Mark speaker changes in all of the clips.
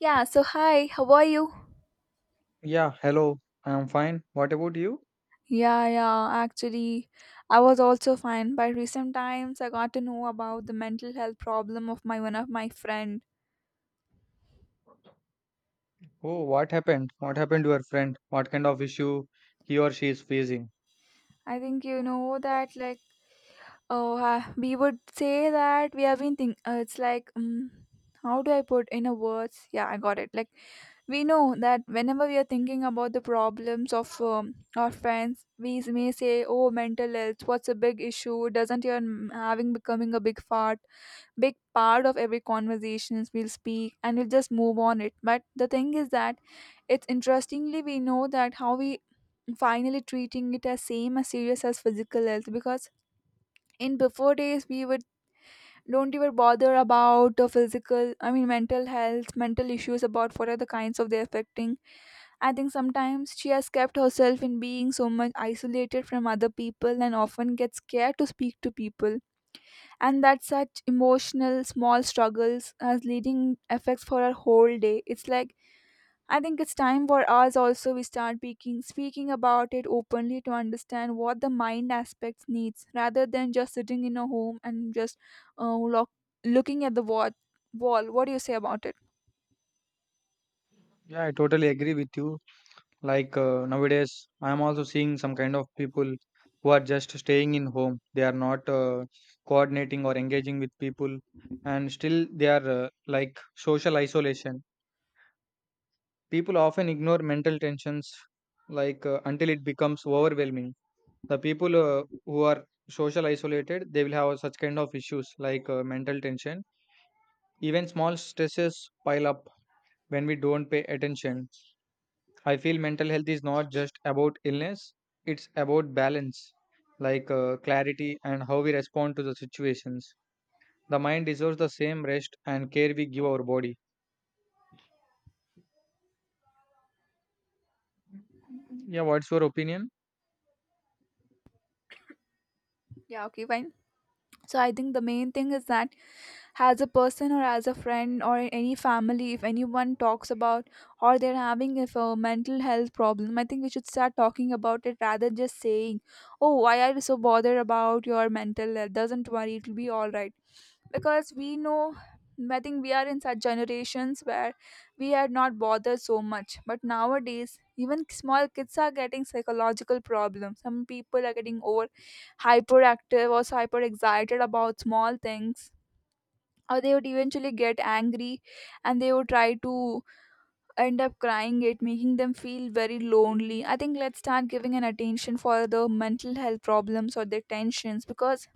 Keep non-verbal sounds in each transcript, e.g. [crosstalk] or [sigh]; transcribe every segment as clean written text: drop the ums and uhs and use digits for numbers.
Speaker 1: Yeah, so hi, how are you?
Speaker 2: Yeah, hello. I am fine. What about you?
Speaker 1: Yeah, yeah, actually, I was also fine. By recent times, I got to know about the mental health problem of my one of my friend.
Speaker 2: Oh, what happened? What happened to your friend? What kind of issue he or she is facing?
Speaker 1: I think you know that, like, oh, we would say that we have been think. It's like, how do I put in a words? Yeah, I got it. Like, we know that whenever we are thinking about the problems of our friends, we may say, "Oh, mental health, what's a big issue? Doesn't your having becoming a big fart?" Big part of every conversations we'll speak and we'll just move on it, but the thing is that it's interestingly we know that how we finally treating it as same as serious as physical health because in before days we would don't even bother about the physical, I mean mental health, mental issues about what are the kinds of they affecting. I think sometimes she has kept herself in being so much isolated from other people and often gets scared to speak to people, and that such emotional small struggles has leading effects for our whole day. It's like, I think it's time for us also we start speaking about it openly to understand what the mind aspects needs rather than just sitting in a home and just uh, lock, looking at the wall. What do you say about it?
Speaker 2: Yeah, I totally agree with you. Nowadays, I am also seeing some kind of people who are just staying in home. They are not coordinating or engaging with people, and still they are like social isolation. People often ignore mental tensions until it becomes overwhelming. The people who are social isolated, they will have such kind of issues mental tension. Even small stresses pile up when we don't pay attention. I feel mental health is not just about illness, it's about balance, like clarity and how we respond to the situations. The mind deserves the same rest and care we give our body. Yeah, what's your opinion?
Speaker 1: Yeah, okay, fine. So I think the main thing is that as a person or as a friend or in any family, if anyone talks about or they're having if a mental health problem, I think we should start talking about it rather than just saying, "Oh, why are you so bothered about your mental health? Doesn't worry, it'll be all right." Because we know, I think we are in such generations where we had not bothered so much, but nowadays even small kids are getting psychological problems. Some people are getting over hyperactive or hyper excited about small things, or they would eventually get angry and they would try to end up crying it making them feel very lonely. I think let's start giving an attention for the mental health problems or their tensions because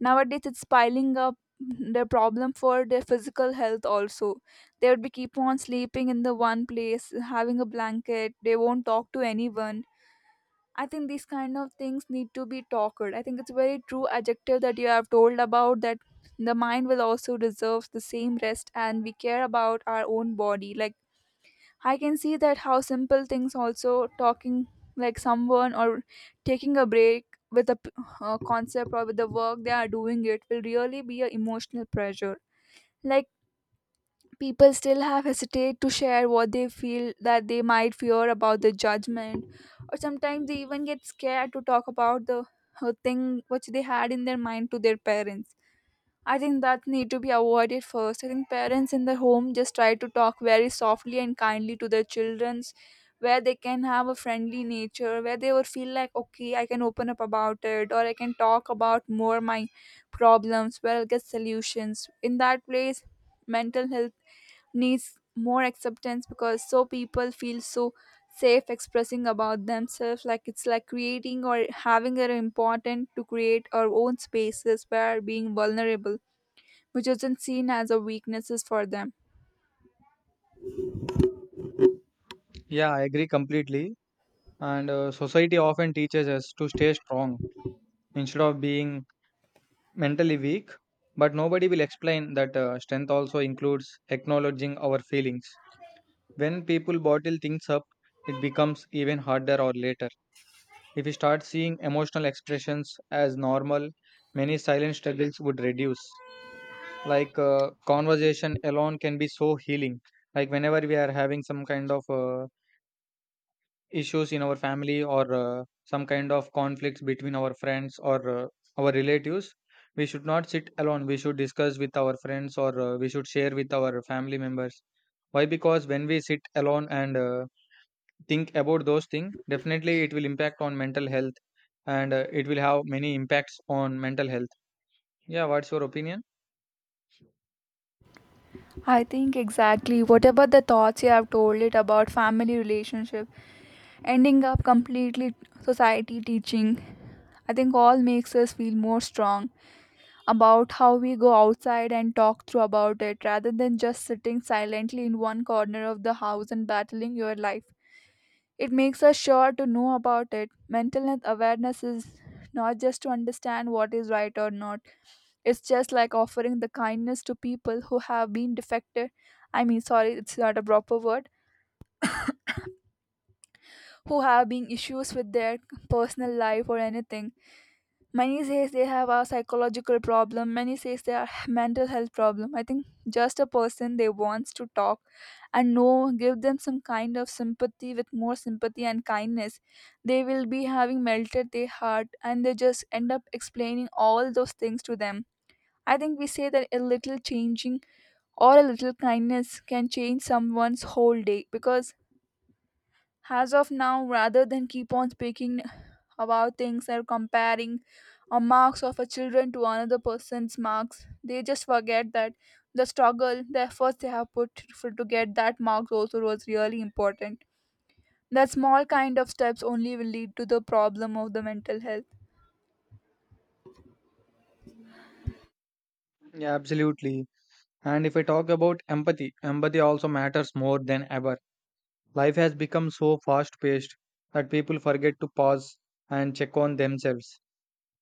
Speaker 1: nowadays it's piling up their problem for their physical health also. They would be keep on sleeping in the one place having a blanket, they won't talk to anyone. I think these kind of things need to be talked. I think it's a very true adjective that you have told about that the mind will also deserves the same rest and we care about our own body. Like, I can see that how simple things also talking, like someone or taking a break with a p- concept or with the work they are doing, it will really be a emotional pressure. Like, people still have hesitate to share what they feel that they might fear about the judgment, or sometimes they even get scared to talk about the thing which they had in their mind to their parents. I think that need to be avoided first. I think parents in the home just try to talk very softly and kindly to their childrens where they can have a friendly nature, where they will feel like, okay, I can open up about it or I can talk about more my problems where I'll get solutions. In that place mental health needs more acceptance because so people feel so safe expressing about themselves, like it's like creating or having an important to create our own spaces where being vulnerable which isn't seen as a weaknesses for them.
Speaker 2: Yeah, I agree completely. And society often teaches us to stay strong instead of being mentally weak, but nobody will explain that strength also includes acknowledging our feelings. When people bottle things up, it becomes even harder or later. If we start seeing emotional expressions as normal, many silent struggles would reduce. Conversation alone can be so healing. Like whenever we are having some kind of issues in our family or some kind of conflicts between our friends or our relatives, we should not sit alone. We should discuss with our friends or we should share with our family members. Why? Because when we sit alone and think about those things, definitely it will impact on mental health, and it will have many impacts on mental health. Yeah, what's your opinion?
Speaker 1: I think exactly whatever the thoughts you have told it about family relationship, ending up completely society teaching, I think all makes us feel more strong about how we go outside and talk through about it rather than just sitting silently in one corner of the house and battling your life. It makes us sure to know about it. Mental health awareness is not just to understand what is right or not. It's just like offering the kindness to people who have been defected. I mean, sorry, it's not a proper word. Who have been issues with their personal life or anything. Many says they have a psychological problem. Many says they are [sighs] mental health problem. I think just a person they wants to talk and know, give them some kind of sympathy with more sympathy and kindness. They will be having melted their heart and they just end up explaining all those things to them. I think we say that a little changing or a little kindness can change someone's whole day, because as of now rather than keep on speaking about things or comparing a marks of a children to another person's marks, they just forget that the struggle, the efforts they have put for, to get that marks also was really important. That small kind of steps only will lead to the problem of the mental health.
Speaker 2: Yeah, absolutely. And if I talk about empathy, empathy also matters more than ever. Life has become so fast paced that people forget to pause and check on themselves.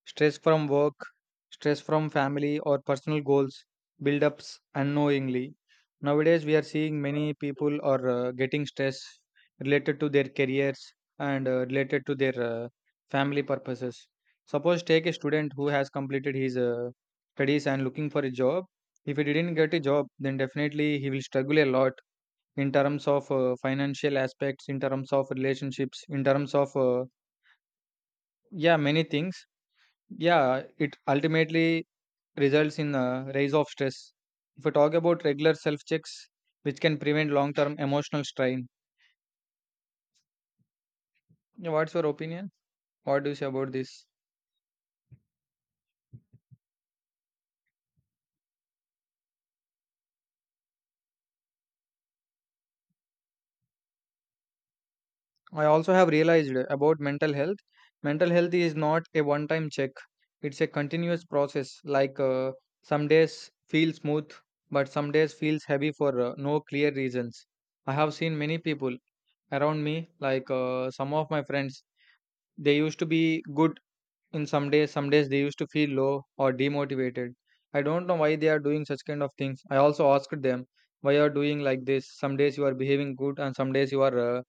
Speaker 2: Stress from work, stress from family, or personal goals build ups unknowingly. Nowadays, we are seeing many people are getting stress related to their careers and related to their family purposes. Suppose take a student who has completed his studies and looking for a job. If he didn't get a job, then definitely he will struggle a lot in terms of financial aspects, in terms of relationships, in terms of yeah, many things. Yeah, it ultimately results in a rise of stress if we talk about regular self checks, which can prevent long term emotional strain. Yeah, what's your opinion? What do you say about this? I also have realized about mental health. Mental health is not a one time check, it's a continuous process. Some days feel smooth, but some days feels heavy for no clear reasons. I have seen many people around me, like some of my friends, they used to be good in some days they used to feel low or demotivated. I don't know why they are doing such kind of things. I also asked them why you are doing like this. Some days you are behaving good and some days you are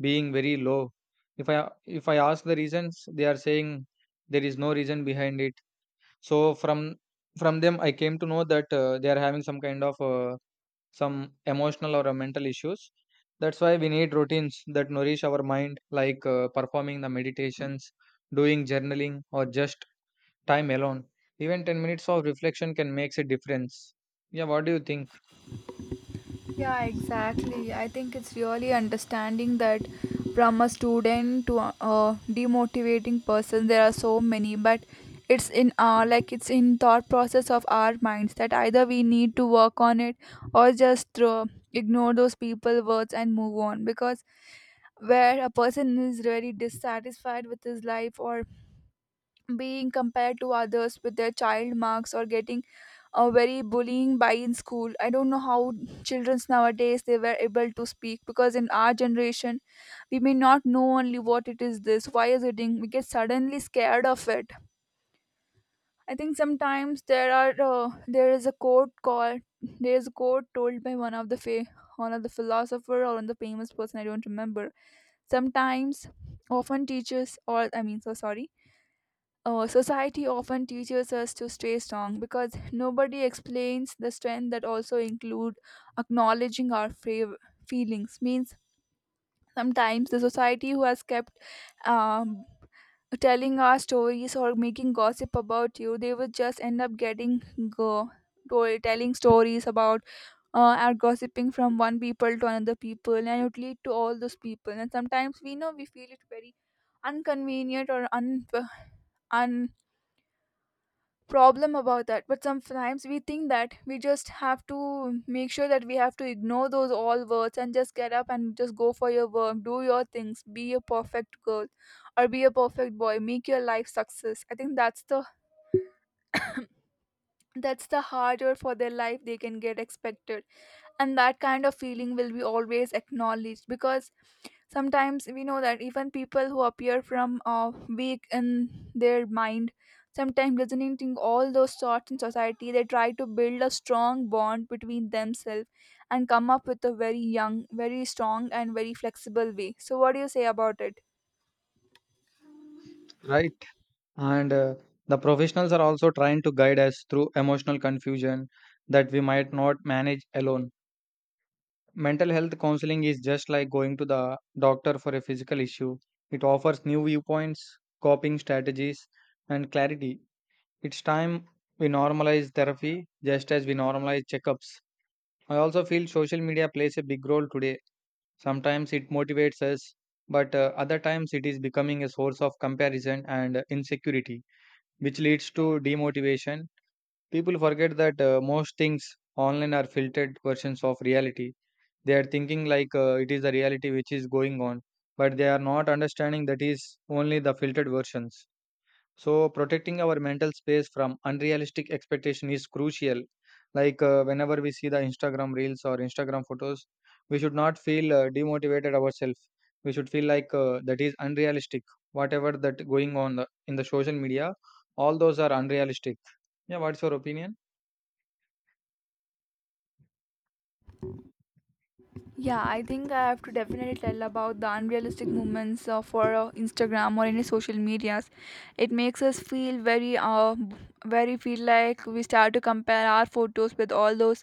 Speaker 2: being very low. If I ask the reasons, they are saying there is no reason behind it. So from them, I came to know that they are having some kind of some emotional or mental issues. That's why we need routines that nourish our mind, like performing the meditations, doing journaling, or just time alone. Even 10 minutes of reflection can make a difference. Yeah, what do you think?
Speaker 1: Yeah, exactly. I think it's really understanding that from a student to a demotivating person, there are so many, but it's in our like it's in thought process of our minds that either we need to work on it or just throw, ignore those people words and move on, because where a person is really dissatisfied with his life or being compared to others with their child marks or getting very bullying by in school. I don't know how children's nowadays they were able to speak, because in our generation we may not know only what it is, this why is it doing, we get suddenly scared of it. I think sometimes there is a quote told by one of the philosopher or one of the famous person, I don't remember. Sometimes often teachers or I mean so sorry society often teaches us to stay strong because nobody explains the strength that also include acknowledging our feelings, means sometimes the society who has kept um, telling our stories or making gossip about you, they would just end up go telling stories about, are gossiping from one people to another people, and it would lead to all those people. And sometimes we know we feel it very inconvenient or un, problem about that, but sometimes we think that we just have to make sure that we have to ignore those all words and just get up and just go for your work, do your things, be a perfect girl or be a perfect boy, make your life success. I think that's the harder for their life they can get expected, and that kind of feeling will be always acknowledged, because sometimes we know that even people who appear from weak in their mind, sometimes resonating all those thoughts in society, they try to build a strong bond between themselves and come up with a very young, very strong, and very flexible way. So what do you say about it?
Speaker 2: Right. And the professionals are also trying to guide us through emotional confusion that we might not manage alone. Mental health counseling is just like going to the doctor for a physical issue, it offers new viewpoints, coping strategies, and clarity. It's time we normalize therapy just as we normalize checkups. I also feel social media plays a big role today. Sometimes it motivates us, but other times it is becoming a source of comparison and insecurity, which leads to demotivation. People forget that most things online are filtered versions of reality. They are thinking like it is the reality which is going on, but they are not understanding that is only the filtered versions. So protecting our mental space from unrealistic expectation is crucial. Whenever we see the Instagram reels or Instagram photos, we should not feel demotivated ourselves. We should feel like that is unrealistic. Whatever that going on in the social media, all those are unrealistic. Yeah, what's your opinion?
Speaker 1: Yeah, I think I have to definitely tell about the unrealistic movements for Instagram or any social medias. It makes us feel very, very feel like we start to compare our photos with all those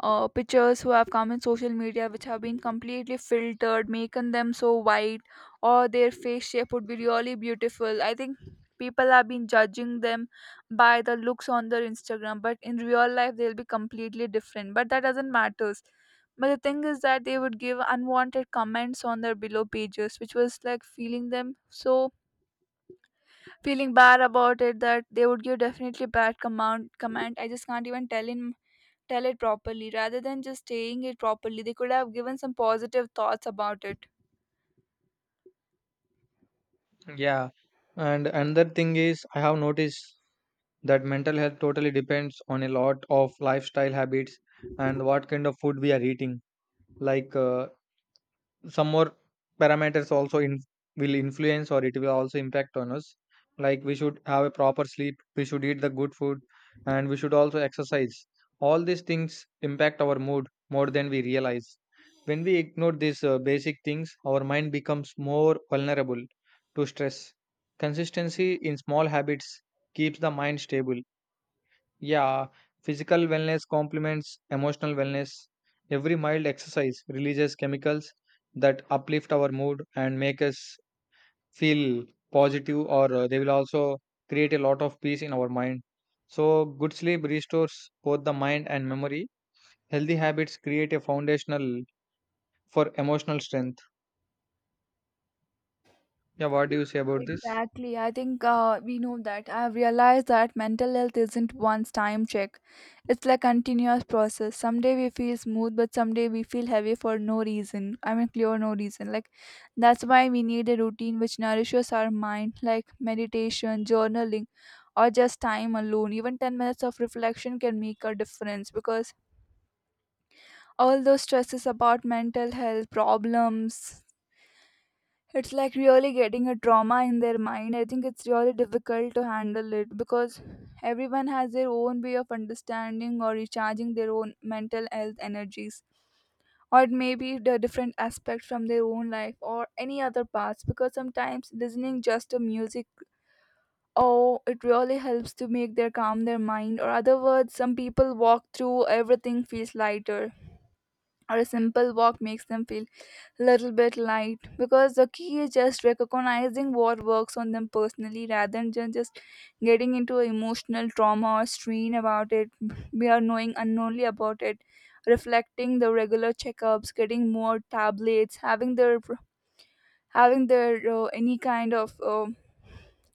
Speaker 1: pictures who have come in social media, which have been completely filtered, making them so white, or their face shape would be really beautiful. I think people have been judging them by the looks on their Instagram, but in real life they'll be completely different. But that doesn't matter, but the thing is that they would give unwanted comments on their below pages, which was like feeling them so feeling bad about it that they would give definitely bad command comment. I just can't even tell it properly. Rather than just saying it properly, they could have given some positive thoughts about it.
Speaker 2: Yeah, and another thing is I have noticed that mental health totally depends on a lot of lifestyle habits and what kind of food we are eating. Like uh, some more parameters also in will influence or it will also impact on us. Like, we should have a proper sleep, we should eat the good food, and we should also exercise. All these things impact our mood more than we realize. When we ignore these basic things, our mind becomes more vulnerable to stress. Consistency in small habits keeps the mind stable. Yeah, physical wellness complements emotional wellness. Every mild exercise releases chemicals that uplift our mood and make us feel positive, or they will also create a lot of peace in our mind. So, good sleep restores both the mind and memory. Healthy habits create a foundational for emotional strength. Yeah, what do you say about this?
Speaker 1: Exactly. I think we know that. I've realized that mental health isn't one time check. It's like continuous process. Someday we feel smooth, but someday we feel heavy for no reason. I mean, clear no reason. Like, that's why we need a routine which nourishes our mind, like meditation, journaling, or just time alone. Even 10 minutes of reflection can make a difference, because all those stresses about mental health problems, it's like really getting a trauma in their mind. I think it's really difficult to handle it because everyone has their own way of understanding or recharging their own mental health energies, or it may be the different aspects from their own life or any other parts. Because sometimes listening just to music, oh, it really helps to make their calm their mind. Or other words, some people walk through everything feels lighter, or a simple walk makes them feel little bit light because the key is just recognizing what works on them personally rather than just getting into emotional trauma or strain about it. We are knowing unknowingly about it, reflecting the regular checkups, getting more tablets, having their any kind of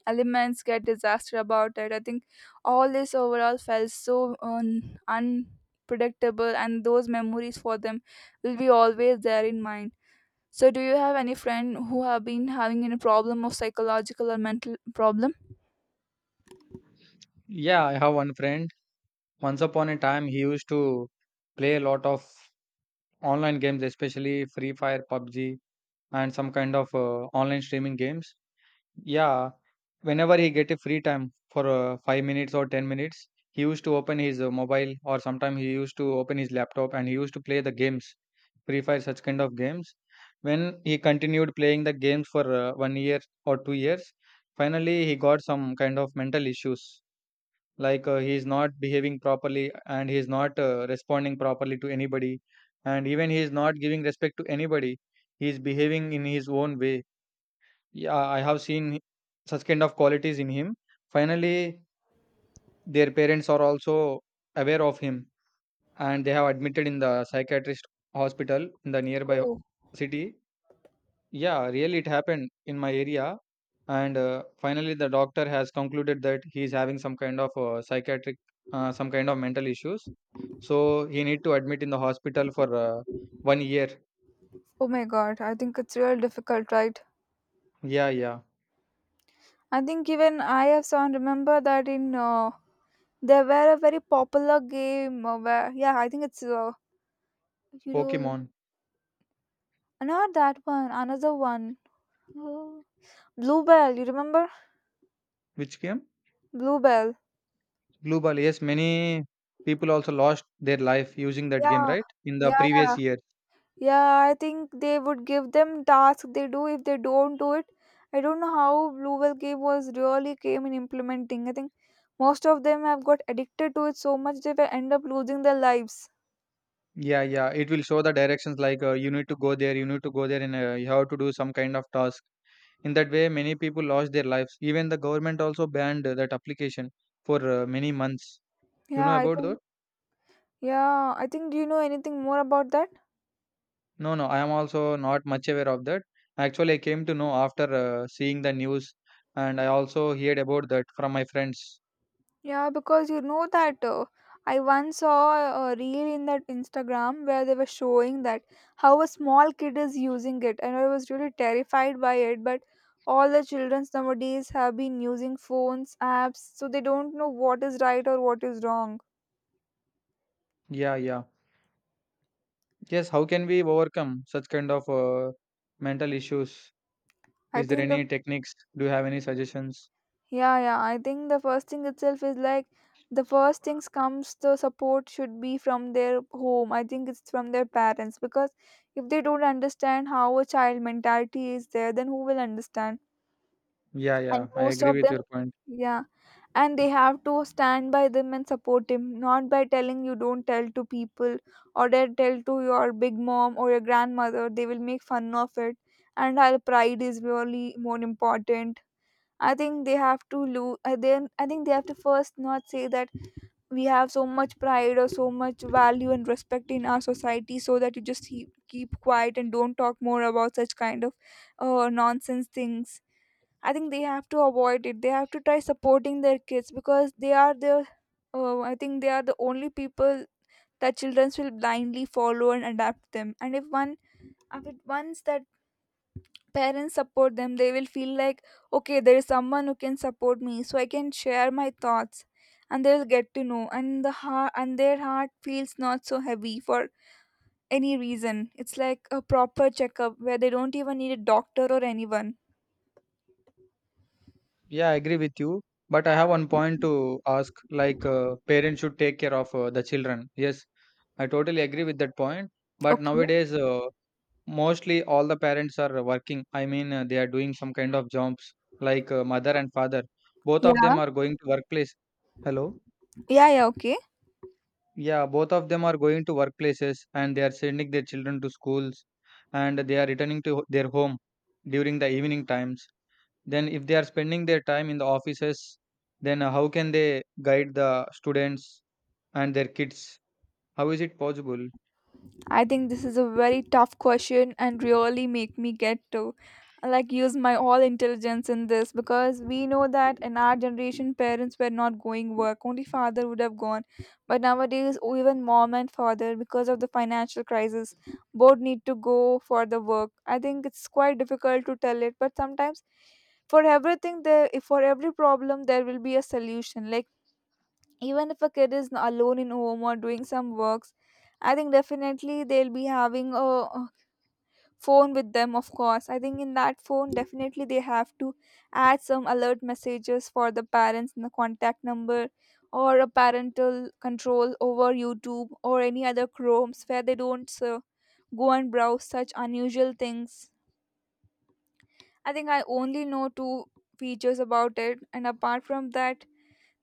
Speaker 1: elements get disaster about it, I think. All this overall felt so unpredictable, and those memories for them will be always there in mind. So, do you have any friend who have been having any problem of psychological or mental problem?
Speaker 2: Yeah, I have one friend. Once upon a time, he used to play a lot of online games, especially Free Fire, PUBG, and some kind of online streaming games. Yeah, whenever he get a free time for 5 minutes or 10 minutes, he used to open his mobile or sometimes he used to open his laptop and he used to play the games, Free Fire such kind of games. When he continued playing the games for one year or two years, finally he got some kind of mental issues like he's not behaving properly and he's not responding properly to anybody, and even he's not giving respect to anybody. He's behaving in his own way. Yeah, I have seen such kind of qualities in him. Finally, their parents are also aware of him, and they have admitted in the psychiatrist hospital in the nearby
Speaker 1: Oh.
Speaker 2: city. Yeah, really it happened in my area. And finally the doctor has concluded that he is having some kind of psychiatric some kind of mental issues. So he need to admit in the hospital for one year.
Speaker 1: Oh my God, I think it's real difficult, right?
Speaker 2: Yeah, yeah.
Speaker 1: I think even I have sound remember that in there were a very popular game, where yeah, I think it's you know,
Speaker 2: Pokemon.
Speaker 1: not that one, another one. [gasps] Oh. Bluebell, you remember?
Speaker 2: Which game?
Speaker 1: Bluebell.
Speaker 2: Blue ball, yes. Many people also lost their life using that game,
Speaker 1: Yeah,
Speaker 2: right, in the
Speaker 1: yeah, yeah.
Speaker 2: previous year.
Speaker 1: Yeah, I think they would give them tasks they do if they don't do it. I don't know how Blue Whale Cave was really came in implementing. I think most of them have got addicted to it so much they will end up losing their lives.
Speaker 2: Yeah, yeah, it will show the directions like you need to go there, you need to go there, and you have to do some kind of task. In that way many people lost their lives. Even the government also banned that application for many months. You
Speaker 1: Yeah,
Speaker 2: know
Speaker 1: I
Speaker 2: about that?
Speaker 1: think yeah, I think do you know anything more about that?
Speaker 2: No, no, I am also not much aware of that. Actually, I came to know after seeing the news, and I also heard about that from my friends.
Speaker 1: Yeah, because you know that I once saw a reel in that Instagram where they were showing that how a small kid is using it, and I was really terrified by it. But all the children nowadays have been using phones, apps, so they don't know what is right or what is wrong.
Speaker 2: Yeah, yeah. Yes, how can we overcome such kind of mental issues?
Speaker 1: I
Speaker 2: Is there
Speaker 1: think the
Speaker 2: any techniques? Do you have any suggestions?
Speaker 1: Yeah, yeah. I think the first thing itself is like the first things comes, the support should be from their home. I think it's from their parents, because if they don't understand how a child mentality is there, then who will understand?
Speaker 2: Yeah,
Speaker 1: And
Speaker 2: yeah, I
Speaker 1: most
Speaker 2: agree
Speaker 1: of
Speaker 2: with
Speaker 1: them,
Speaker 2: your point.
Speaker 1: yeah, and they have to stand by them and support him, not by telling you don't tell to people or they tell to your big mom or your grandmother. They will make fun of it, and our pride is really more important. I think they have to lose. Then I think they have to first not say that we have so much pride or so much value and respect in our society, so that you just keep quiet and don't talk more about such kind of nonsense things. I think they have to avoid it. They have to try supporting their kids because they are I think they are the only people that children will blindly follow and adapt them. And if one, if it once that parents support them, they will feel like okay, there is someone who can support me, so I can share my thoughts. And they'll get to know and their heart feels not so heavy for any reason. It's like a proper checkup where they don't even need a doctor or anyone.
Speaker 2: Yeah, I agree with you. But I have one point to ask, like parents should take care of the children. Yes, I totally agree with that point. But
Speaker 1: Okay.
Speaker 2: nowadays, mostly all the parents are working. I mean, they are doing some kind of jobs like mother and father. Both of
Speaker 1: Yeah.
Speaker 2: them are going to workplace. Hello?
Speaker 1: Yeah, yeah, okay.
Speaker 2: Yeah, both of them are going to workplaces and they are sending their children to schools, and they are returning to their home during the evening times. Then, if they are spending their time in the offices, then how can they guide the students and their kids? How is it possible?
Speaker 1: I think this is a very tough question and really make me get to like use my all intelligence in this, because we know that in our generation parents were not going work, only father would have gone, but nowadays oh, even mom and father, because of the financial crisis, both need to go for the work. I think it's quite difficult to tell it, but sometimes for everything there, for every problem there will be a solution. Like even if a kid is alone in home or doing some works, I think definitely they'll be having a phone with them, of course. I think in that phone definitely they have to add some alert messages for the parents and the contact number, or a parental control over YouTube or any other Chromes where they don't go and browse such unusual things. I think I only know two features about it, and apart from that,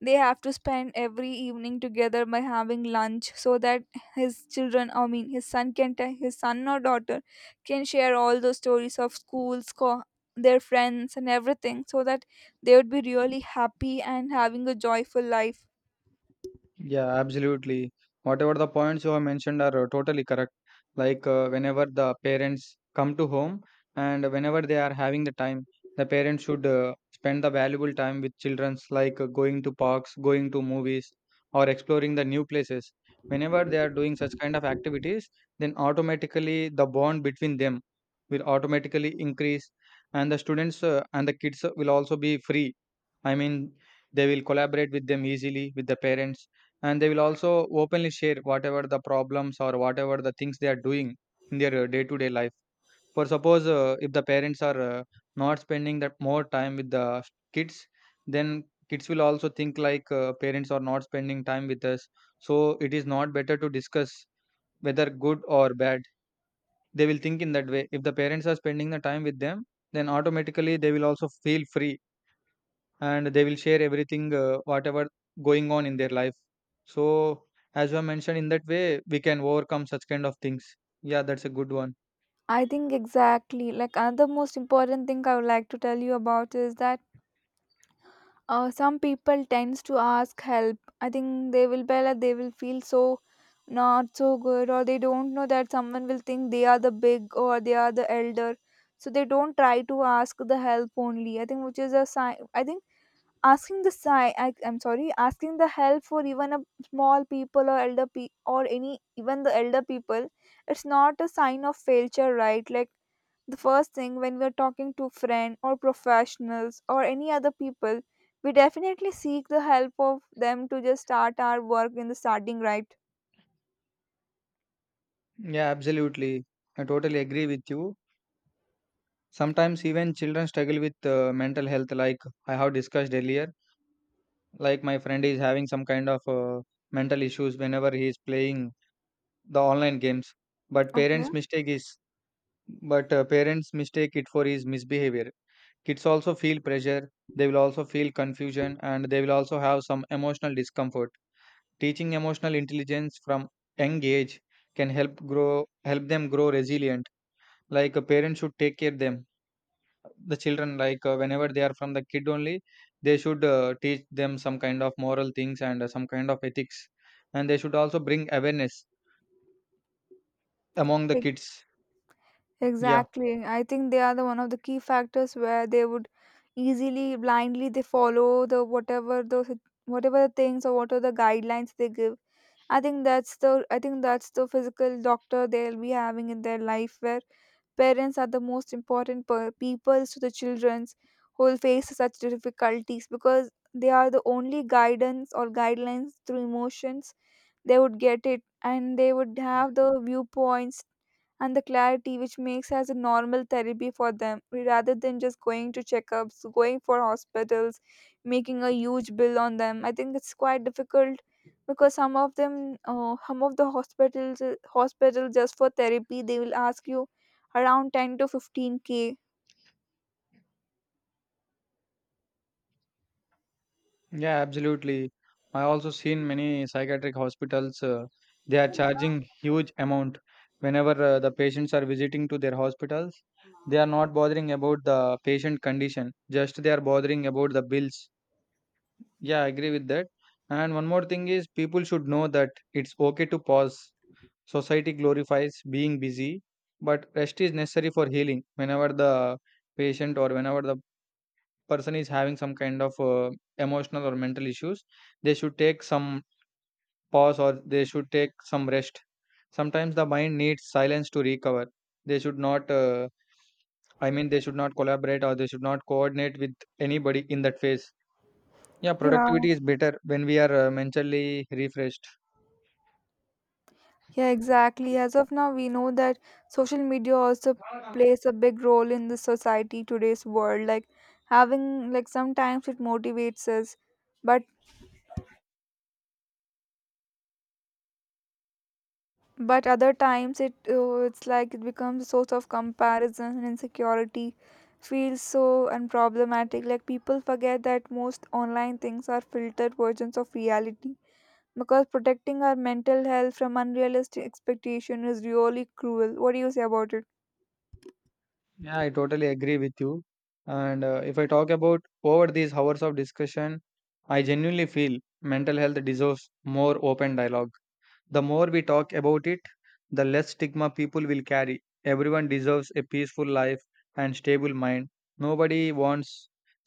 Speaker 1: they have to spend every evening together by having lunch so that his children, I mean, his son or daughter can share all those stories of schools, their friends, and everything, so that they would be really happy and having a joyful life.
Speaker 2: Yeah, absolutely. Whatever the points you have mentioned are totally correct. Whenever the parents come to home and whenever they are having the time, the parents should spend the valuable time with childrens, like going to parks, going to movies, or exploring the new places. Whenever they are doing such kind of activities, then automatically the bond between them will automatically increase, and the students and the kids will also be free. I mean, they will collaborate with them easily with the parents, and they will also openly share whatever the problems or whatever the things they are doing in their day to day life. For suppose if the parents are not spending that more time with the kids, then kids will also think like parents are not spending time with us. So it is not better to discuss whether good or bad. They will think in that way. If the parents are spending the time with them, then automatically they will also feel free and they will share everything whatever going on in their life. So as you have mentioned, in that way we can overcome such kind of things. Yeah, that's a good one.
Speaker 1: I think exactly. Like another most important thing I would like to tell you about is that some people tends to ask help. I think they will be like they will feel so not so good, or they don't know that someone will think they are the big or they are the elder, so they don't try to ask the help only, I think. Which is a sign, I think, asking the sign, I, I'm sorry, asking the help for even a small people or elder or any even the elder people, it's not a sign of failure, right? Like the first thing when we're talking to friends or professionals or any other people, we definitely seek the help of them to just start our work in the starting right.
Speaker 2: Yeah, absolutely, I totally agree with you. Sometimes even children struggle with mental health. Like I have discussed earlier, like my friend is having some kind of mental issues whenever he is playing the online games. but
Speaker 1: Okay.
Speaker 2: parents mistake is but parents mistake it for his misbehavior. Kids also feel pressure, they will also feel confusion, and they will also have some emotional discomfort. Teaching emotional intelligence from young age can help them grow resilient. Like a parent should take care them the children, like whenever they are from the kid only, they should teach them some kind of moral things and some kind of ethics, and they should also bring awareness among the
Speaker 1: Ex-
Speaker 2: kids. Yeah.
Speaker 1: Exactly. I think they are the one of the key factors where they would easily blindly they follow the whatever the things or whatever the guidelines they give. I think that's the physical doctor they'll be having in their life, where parents are the most important peoples to the childrens who will face such difficulties, because they are the only guidance or guidelines through emotions they would get it, and they would have the viewpoints and the clarity which makes as a normal therapy for them rather than just going to checkups, going for hospitals, making a huge bill on them. I think it's quite difficult, because some of them, some of the hospitals just for therapy they will ask you around 10 to 15K.
Speaker 2: Yeah, absolutely. I also seen many psychiatric hospitals. They are charging huge amount whenever the patients are visiting to their hospitals. They are not bothering about the patient condition. Just they are bothering about the bills. Yeah, I agree with that. And one more thing is, people should know that it's okay to pause. Society glorifies being busy, but rest is necessary for healing. Whenever the patient or whenever the person is having some kind of emotional or mental issues, they should take some pause or they should take some rest. Sometimes the mind needs silence to recover. They should not they should not collaborate or they should not coordinate with anybody in that phase. Yeah,
Speaker 1: Yeah,
Speaker 2: productivity is better when we are mentally refreshed.
Speaker 1: yeah, exactly. As of now we know that social media also plays a big role in the society today's world, like having, like sometimes it motivates us. But But other times it's like it becomes a source of comparison and insecurity. Feels so unproblematic. Like people forget that most online things are filtered versions of reality. Because protecting our mental health from unrealistic expectation is really cruel. What do you say about it?
Speaker 2: Yeah, I totally agree with you. And if I talk about over these hours of discussion, I genuinely feel mental health deserves more open dialogue. The more we talk about it, the less stigma people will carry. Everyone deserves a peaceful life and stable mind. Nobody wants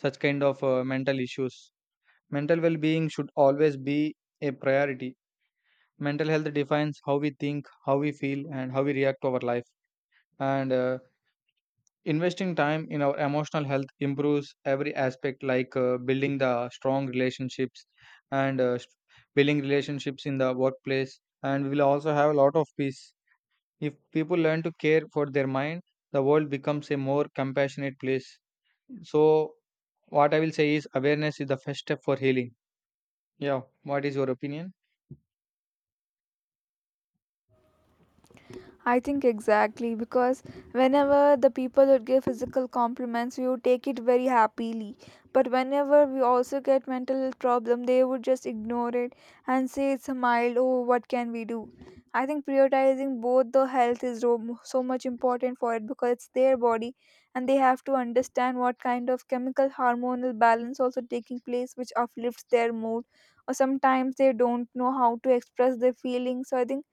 Speaker 2: such kind of mental issues. Mental well being should always be a priority. Mental health defines how we think, how we feel, and how we react to our life. And investing time in our emotional health improves every aspect, like building the strong relationships and building relationships in the workplace. And we will also have a lot of peace. If people learn to care for their mind, the world becomes a more compassionate place. So, what I will say is, awareness is the first step for healing. Yeah, what is your opinion?
Speaker 1: I think exactly, because whenever the people would give physical compliments, we would take it very happily. But whenever we also get mental problem, they would just ignore it and say it's a mild. Oh, what can we do? I think prioritizing both the health is so much important for it, because it's their body, and they have to understand what kind of chemical hormonal balance also taking place, which uplifts their mood. Or sometimes they don't know how to express their feelings. So I think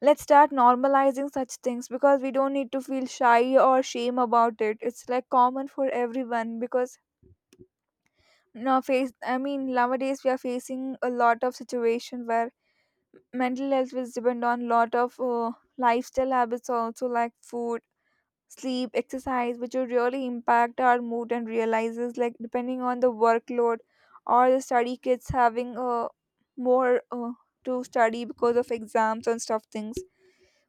Speaker 1: let's start normalizing such things, because we don't need to feel shy or shame about it. It's like common for everyone, because now face I mean nowadays we are facing a lot of situation where mental health is depend on lot of lifestyle habits also, like food, sleep, exercise, which will really impact our mood and realizes, like depending on the workload or the study, kids having more to study because of exams and stuff things.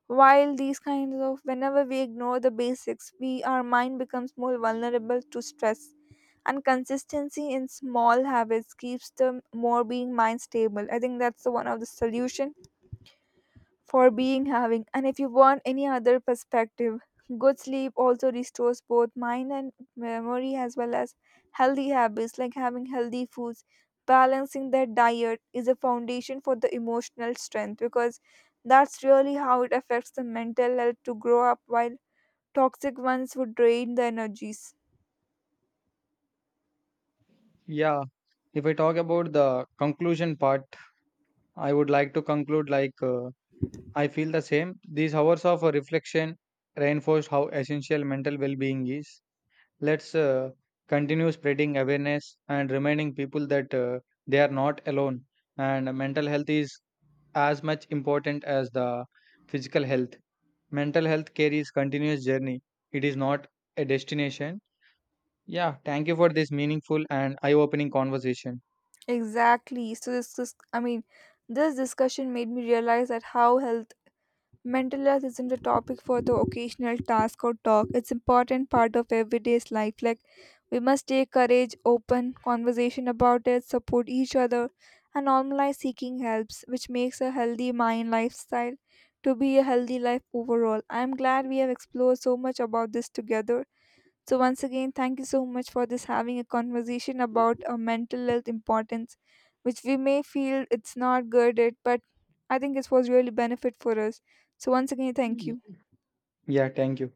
Speaker 1: While these kinds of, whenever we ignore the basics, we our mind becomes more vulnerable to stress. And consistency in small habits keeps the more being mind stable. I think that's the one of the solution for being having. And if you want any other perspective, good sleep also restores both mind and memory, as well as healthy habits like having healthy foods. Balancing that diet is a foundation for the emotional strength, because that's really how it affects the mental health to grow up, while toxic ones would drain the energies.
Speaker 2: Yeah, if I talk about the conclusion part, I would like to conclude like, I feel the same. These hours of reflection reinforced how essential mental well being is. Let's continue spreading awareness and reminding people that they are not alone, and mental health is as much important as the physical health. Mental health care is continuous journey. It is not a destination. Yeah, thank you for this meaningful and eye-opening conversation.
Speaker 1: Exactly. So this is, I mean, this discussion made me realize that how health Mental health isn't a topic for the occasional task or talk. It's important part of everyday's life. Like we must take courage, open conversation about it, support each other, and normalize seeking helps, which makes a healthy mind lifestyle to be a healthy life overall. I'm glad we have explored so much about this together. So, once again, thank you so much for this having a conversation about mental health importance, which we may feel it's not good, at, but I think it was really benefit for us. So, once again, thank
Speaker 2: Y-
Speaker 1: you.
Speaker 2: Yeah, thank you.